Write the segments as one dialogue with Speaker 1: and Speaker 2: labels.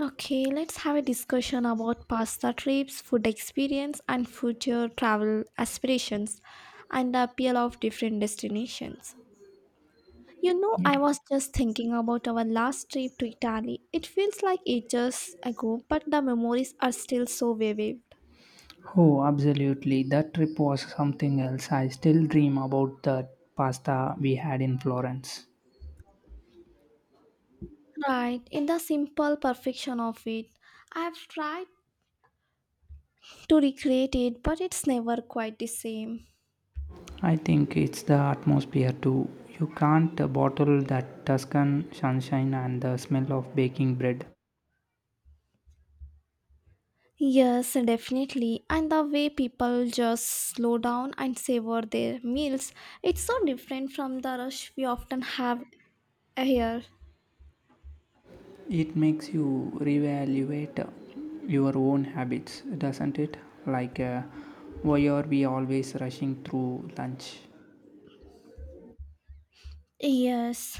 Speaker 1: Okay, let's have a discussion about pasta trips, food experience, and future travel aspirations and the appeal of different destinations.
Speaker 2: Yeah.
Speaker 1: I was just thinking about our last trip to Italy. It feels like ages ago, but the memories are still so vivid.
Speaker 2: Oh, absolutely. That trip was something else. I still dream about the pasta we had in Florence.
Speaker 1: Right, in the simple perfection of it, I've tried to recreate it, but it's never quite the same.
Speaker 2: I think it's the atmosphere too. You can't bottle that Tuscan sunshine and the smell of baking bread.
Speaker 1: Yes, definitely. And the way people just slow down and savor their meals, it's so different from the rush we often have here.
Speaker 2: It makes you reevaluate your own habits, doesn't it? Like, uh, why are we always rushing through lunch?
Speaker 1: Yes,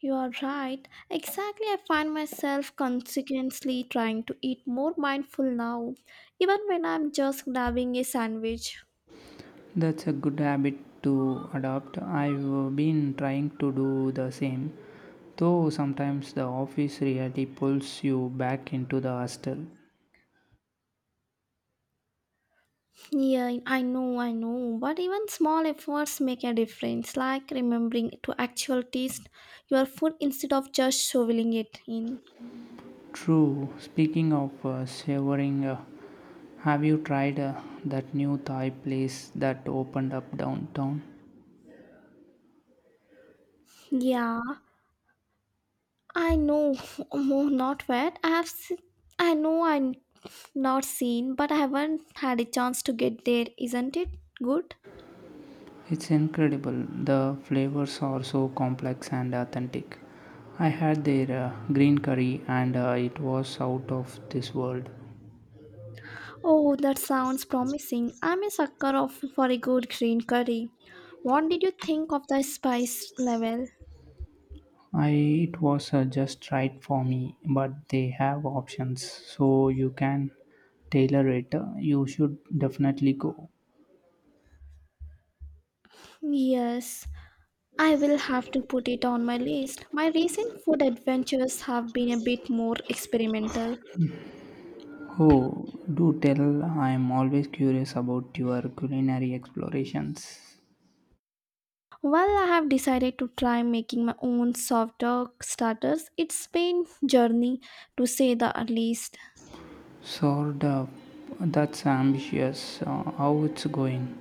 Speaker 1: you are right. Exactly, I find myself consequently trying to eat more mindful now, even when I'm just grabbing a sandwich.
Speaker 2: That's a good habit to adopt. I've been trying to do the same, though sometimes the office reality pulls you back into the hostel.
Speaker 1: Yeah, I know, but even small efforts make a difference, like remembering to actually taste your food instead of just shoveling it in.
Speaker 2: True, speaking of savoring, have you tried that new Thai place that opened up downtown?
Speaker 1: Yeah, I know. Mo- Not wet. I have. Se- I know. I'm not seen, but I haven't had a chance to get there. Isn't it good?
Speaker 2: It's incredible. The flavors are so complex and authentic. I had their green curry and it was out of this world.
Speaker 1: Oh, that sounds promising. I'm a sucker of for a good green curry. What did you think of the spice level?
Speaker 2: I it was just right for me, but they have options, so you can tailor it. You should definitely go.
Speaker 1: Yes, I will have to put it on my list. My recent food adventures have been a bit more experimental.
Speaker 2: Oh, do tell! I am always curious about your culinary explorations.
Speaker 1: Well, I have decided to try making my own soft dog starters. It's been journey to say the least.
Speaker 2: Sort of. That's ambitious. How it's going?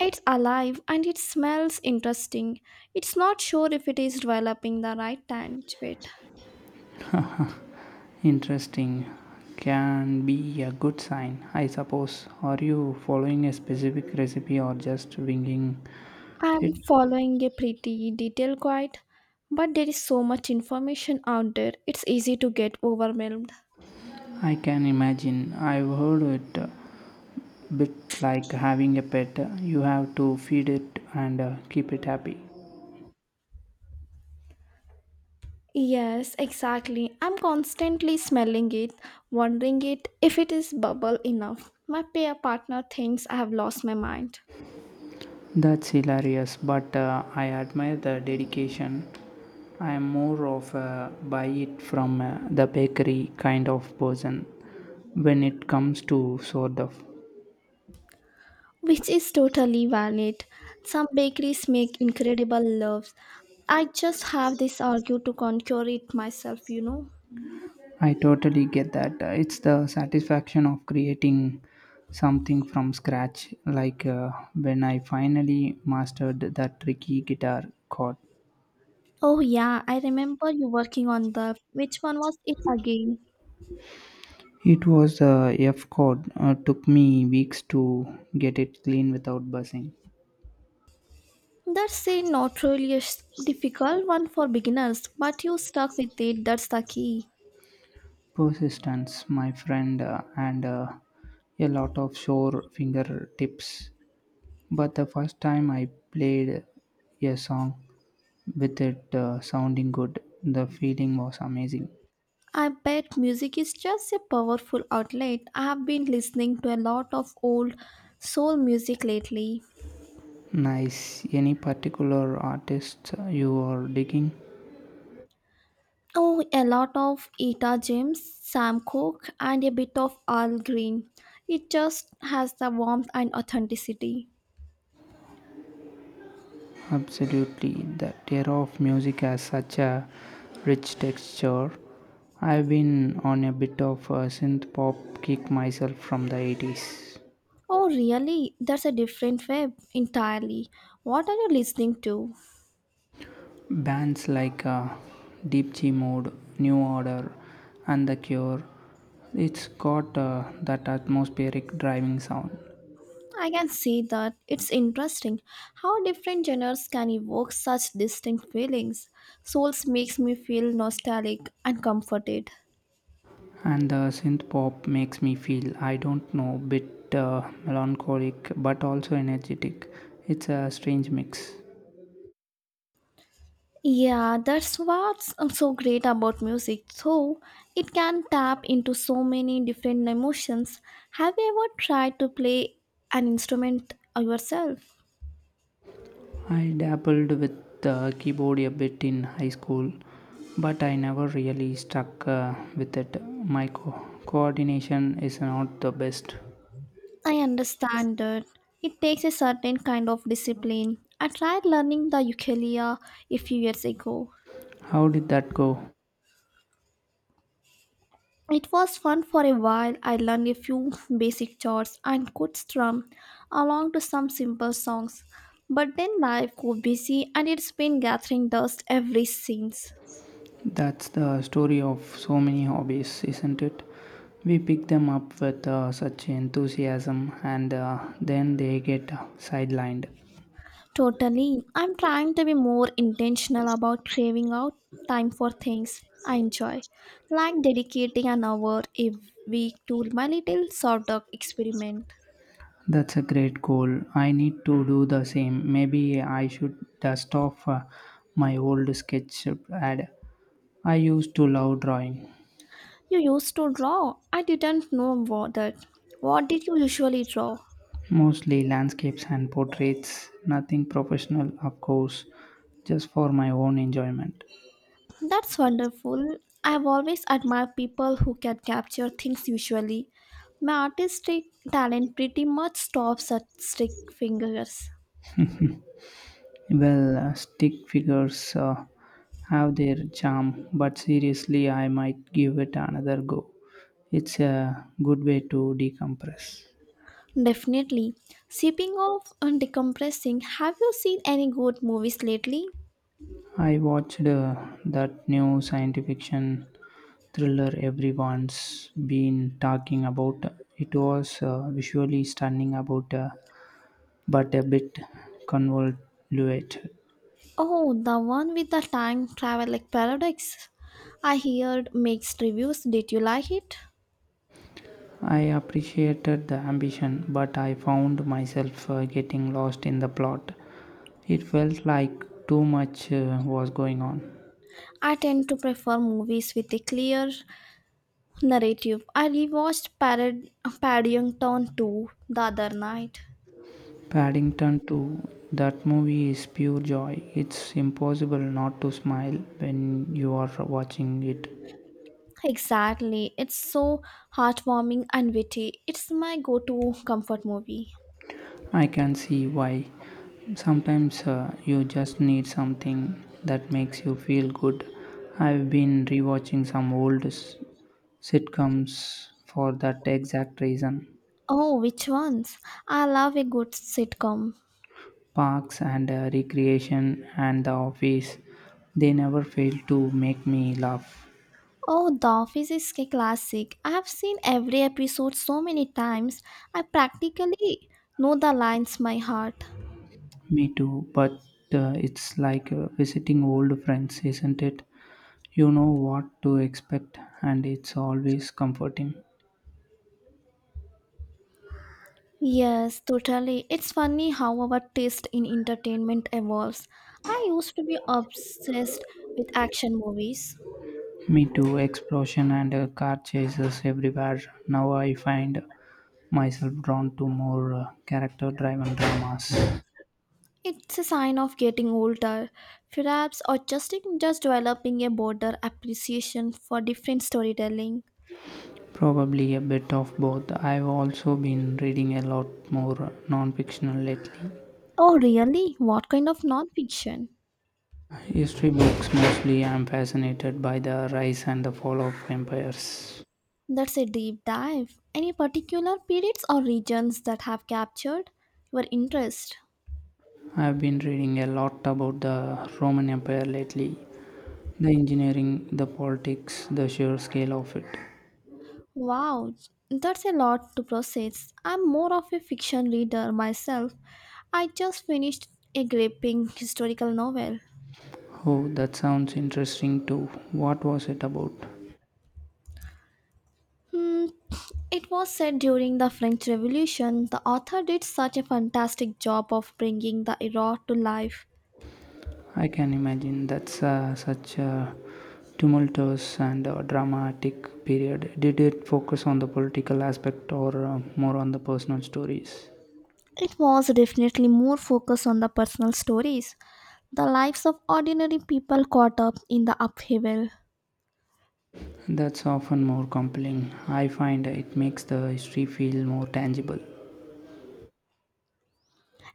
Speaker 1: It's alive and it smells interesting. It's not sure if it is developing the right time to it.
Speaker 2: Interesting. Can be a good sign, I suppose. Are you following a specific recipe or just winging
Speaker 1: I'm
Speaker 2: it?
Speaker 1: following a pretty detailed guide, but there is so much information out there. It's easy to get overwhelmed.
Speaker 2: I can imagine. I've heard it a bit like having a pet. You have to feed it and keep it happy.
Speaker 1: Yes, exactly. I'm constantly smelling it, wondering it if it is bubble enough. My pair partner thinks I have lost my mind,
Speaker 2: That's hilarious, but I admire the dedication. I am more of a buy it from the bakery kind of person when it comes to sort of.
Speaker 1: which is totally valid. Some bakeries make incredible loaves. I just have this argue to conquer it myself.
Speaker 2: I totally get that. It's the satisfaction of creating something from scratch, like when I finally mastered that tricky guitar chord.
Speaker 1: Oh yeah, I remember you working on the which one was it again?
Speaker 2: It was the F chord. Took me weeks to get it clean without buzzing.
Speaker 1: That's a notoriously difficult one for beginners, but you stuck with it. That's the key.
Speaker 2: Persistence, my friend, and a lot of sure fingertips. But the first time I played a song with it sounding good, the feeling was amazing.
Speaker 1: I bet music is just a powerful outlet. I have been listening to a lot of old soul music lately.
Speaker 2: Nice. Any particular artists you are digging?
Speaker 1: Oh, a lot of Eta James, Sam Cooke, and a bit of Al Green. It just has the warmth and authenticity.
Speaker 2: Absolutely, the era of music has such a rich texture. I've been on a bit of a synth pop kick myself from the 80s.
Speaker 1: Oh, really? That's a different web entirely. What are you listening to?
Speaker 2: Bands like Deep G Mode, New Order, and The Cure, it's got that atmospheric driving sound.
Speaker 1: I can see that. It's interesting how different genres can evoke such distinct feelings. Souls makes me feel nostalgic and comforted.
Speaker 2: And the synth pop makes me feel, I don't know, bit melancholic but also energetic. It's a strange mix.
Speaker 1: Yeah, that's what's so great about music. So, it can tap into so many different emotions. Have you ever tried to play an instrument yourself?
Speaker 2: I dabbled with the keyboard a bit in high school, but I never really stuck with it. My coordination is not the best.
Speaker 1: I understand that. It takes a certain kind of discipline. I tried learning the ukulele a few years ago.
Speaker 2: How did that go?
Speaker 1: It was fun for a while. I learned a few basic chords and could strum along to some simple songs. But then life got busy and it's been gathering dust ever since.
Speaker 2: That's the story of so many hobbies, isn't it? We pick them up with such enthusiasm and then they get sidelined.
Speaker 1: Totally. I'm trying to be more intentional about craving out time for things I enjoy, like dedicating an hour a week to my little sawdust experiment.
Speaker 2: That's a great goal. I need to do the same. Maybe I should dust off my old sketch pad I used to love drawing,
Speaker 1: You used to draw. I didn't know what that. What did you usually draw?
Speaker 2: mostly landscapes and portraits, nothing professional, of course, just for my own enjoyment.
Speaker 1: That's wonderful. I've always admired people who can capture things visually. My artistic talent pretty much stops at stick fingers.
Speaker 2: Well, stick figures have their charm, but seriously, I might give it another go. It's a good way to decompress.
Speaker 1: Definitely. Speaking of and decompressing, have you seen any good movies lately?
Speaker 2: I watched that new science fiction thriller everyone's been talking about. It was visually stunning about a but a bit convoluted.
Speaker 1: Oh, the one with the time travel like paradox. I heard mixed reviews. Did you like it?
Speaker 2: I appreciated the ambition, but I found myself getting lost in the plot. It felt like too much was going on.
Speaker 1: I tend to prefer movies with a clear narrative. I rewatched Paddington 2 the other night.
Speaker 2: Paddington 2, that movie is pure joy. It's impossible not to smile when you are watching it.
Speaker 1: Exactly. It's so heartwarming and witty. It's my go to comfort movie.
Speaker 2: I can see why. Sometimes you just need something that makes you feel good. I've been rewatching some old sitcoms, for that exact reason,
Speaker 1: Oh, which ones? I love a good sitcom.
Speaker 2: Parks and Recreation and The Office, they never fail to make me laugh.
Speaker 1: Oh, The Office is a classic. I have seen every episode so many times, I practically know the lines by heart.
Speaker 2: Me too, but it's like visiting old friends, isn't it? You know what to expect, and it's always comforting.
Speaker 1: Yes, totally. It's funny how our taste in entertainment evolves. I used to be obsessed with action movies.
Speaker 2: Me too, explosion and car chases everywhere. Now I find myself drawn to more character driven dramas.
Speaker 1: It's a sign of getting older, perhaps, or just developing a broader appreciation for different storytelling.
Speaker 2: Probably a bit of both. I've also been reading a lot more non-fictional lately.
Speaker 1: Oh, really? What kind of nonfiction?
Speaker 2: History books mostly. I'm fascinated by the rise and the fall of empires.
Speaker 1: That's a deep dive. Any particular periods or regions that have captured your interest?
Speaker 2: I've been reading a lot about the Roman Empire lately. The engineering, the politics, the sheer scale of it.
Speaker 1: Wow, that's a lot to process. I'm more of a fiction reader myself. I just finished a gripping historical novel.
Speaker 2: Oh, that sounds interesting too. What was it about?
Speaker 1: Hmm, it was set during the French Revolution. The author did such a fantastic job of bringing the era to life.
Speaker 2: I can imagine that's such a tumultuous and dramatic period. Did it focus on the political aspect or more on the personal stories?
Speaker 1: It was definitely more focused on the personal stories, the lives of ordinary people caught up in the upheaval.
Speaker 2: That's often more compelling. I find it makes the history feel more tangible.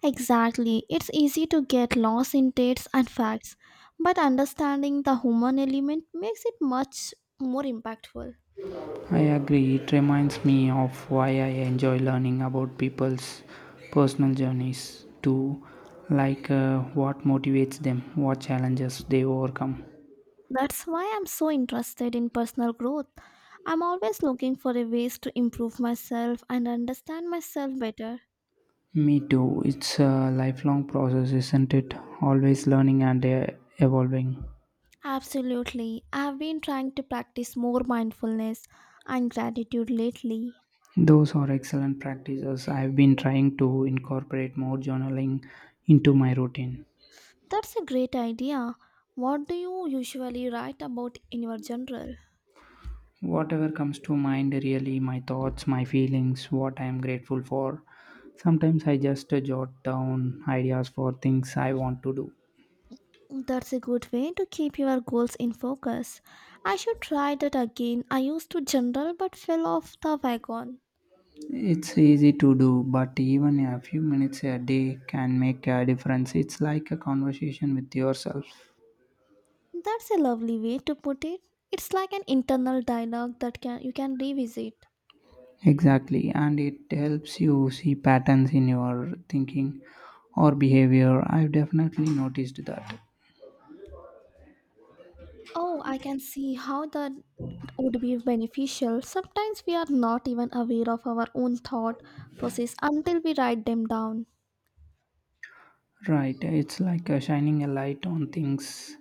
Speaker 1: Exactly. It's easy to get lost in dates and facts, but understanding the human element makes it much more impactful.
Speaker 2: I agree, it reminds me of why I enjoy learning about people's personal journeys too, like what motivates them, what challenges they overcome.
Speaker 1: That's why I'm so interested in personal growth. I'm always looking for a ways to improve myself and understand myself better.
Speaker 2: Me too. It's a lifelong process, isn't it? Always learning and evolving.
Speaker 1: Absolutely. I've been trying to practice more mindfulness and gratitude lately.
Speaker 2: Those are excellent practices. I've been trying to incorporate more journaling into my routine.
Speaker 1: That's a great idea. What do you usually write about in your journal?
Speaker 2: Whatever comes to mind, really, my thoughts, my feelings, what I am grateful for. Sometimes I just jot down ideas for things I want to do.
Speaker 1: That's a good way to keep your goals in focus. I should try that again. I used to journal but fell off the wagon.
Speaker 2: It's easy to do, but even a few minutes a day can make a difference. It's like a conversation with yourself.
Speaker 1: That's a lovely way to put it. It's like an internal dialogue that can you can revisit.
Speaker 2: Exactly, and it helps you see patterns in your thinking or behavior. I've definitely noticed that.
Speaker 1: Oh, I can see how that would be beneficial. Sometimes we are not even aware of our own thought process until we write them down.
Speaker 2: Right, it's like shining a light on things.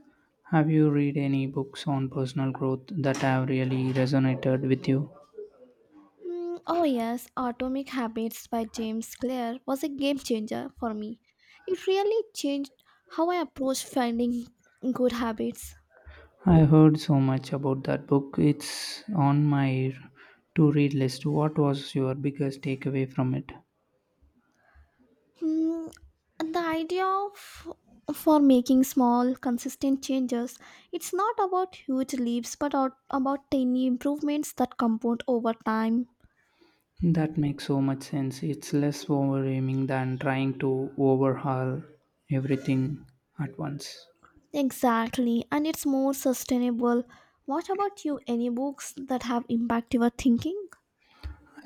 Speaker 2: Have you read any books on personal growth that have really resonated with you?
Speaker 1: Oh, yes, Atomic Habits by James Clear was a game changer for me. It really changed how I approach finding good habits.
Speaker 2: I heard so much about that book. It's on my to read list. What was your biggest takeaway from it?
Speaker 1: Mm, and the idea of for making small, consistent changes, it's not about huge leaps, but out, about tiny improvements that compound over time.
Speaker 2: That makes so much sense. It's less overwhelming than trying to overhaul everything at once.
Speaker 1: Exactly, and it's more sustainable. What about you? Any books that have impacted your thinking?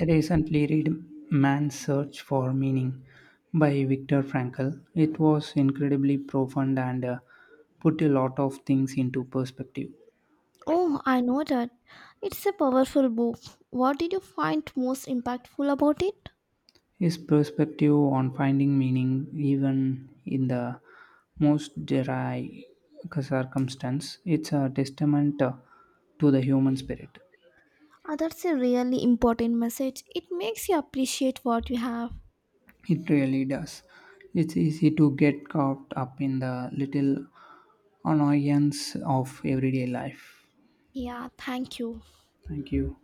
Speaker 2: I recently read Man's Search for Meaning by Viktor Frankl. It was incredibly profound and put a lot of things into perspective.
Speaker 1: Oh, I know that. It's a powerful book. What did you find most impactful about it?
Speaker 2: His perspective on finding meaning, even in the most dry circumstance, it's a testament to the human spirit.
Speaker 1: Ah, that's a really important message. It makes you appreciate what you have.
Speaker 2: It really does. It's easy to get caught up in the little annoyance of everyday life.
Speaker 1: Yeah, thank you.
Speaker 2: Thank you.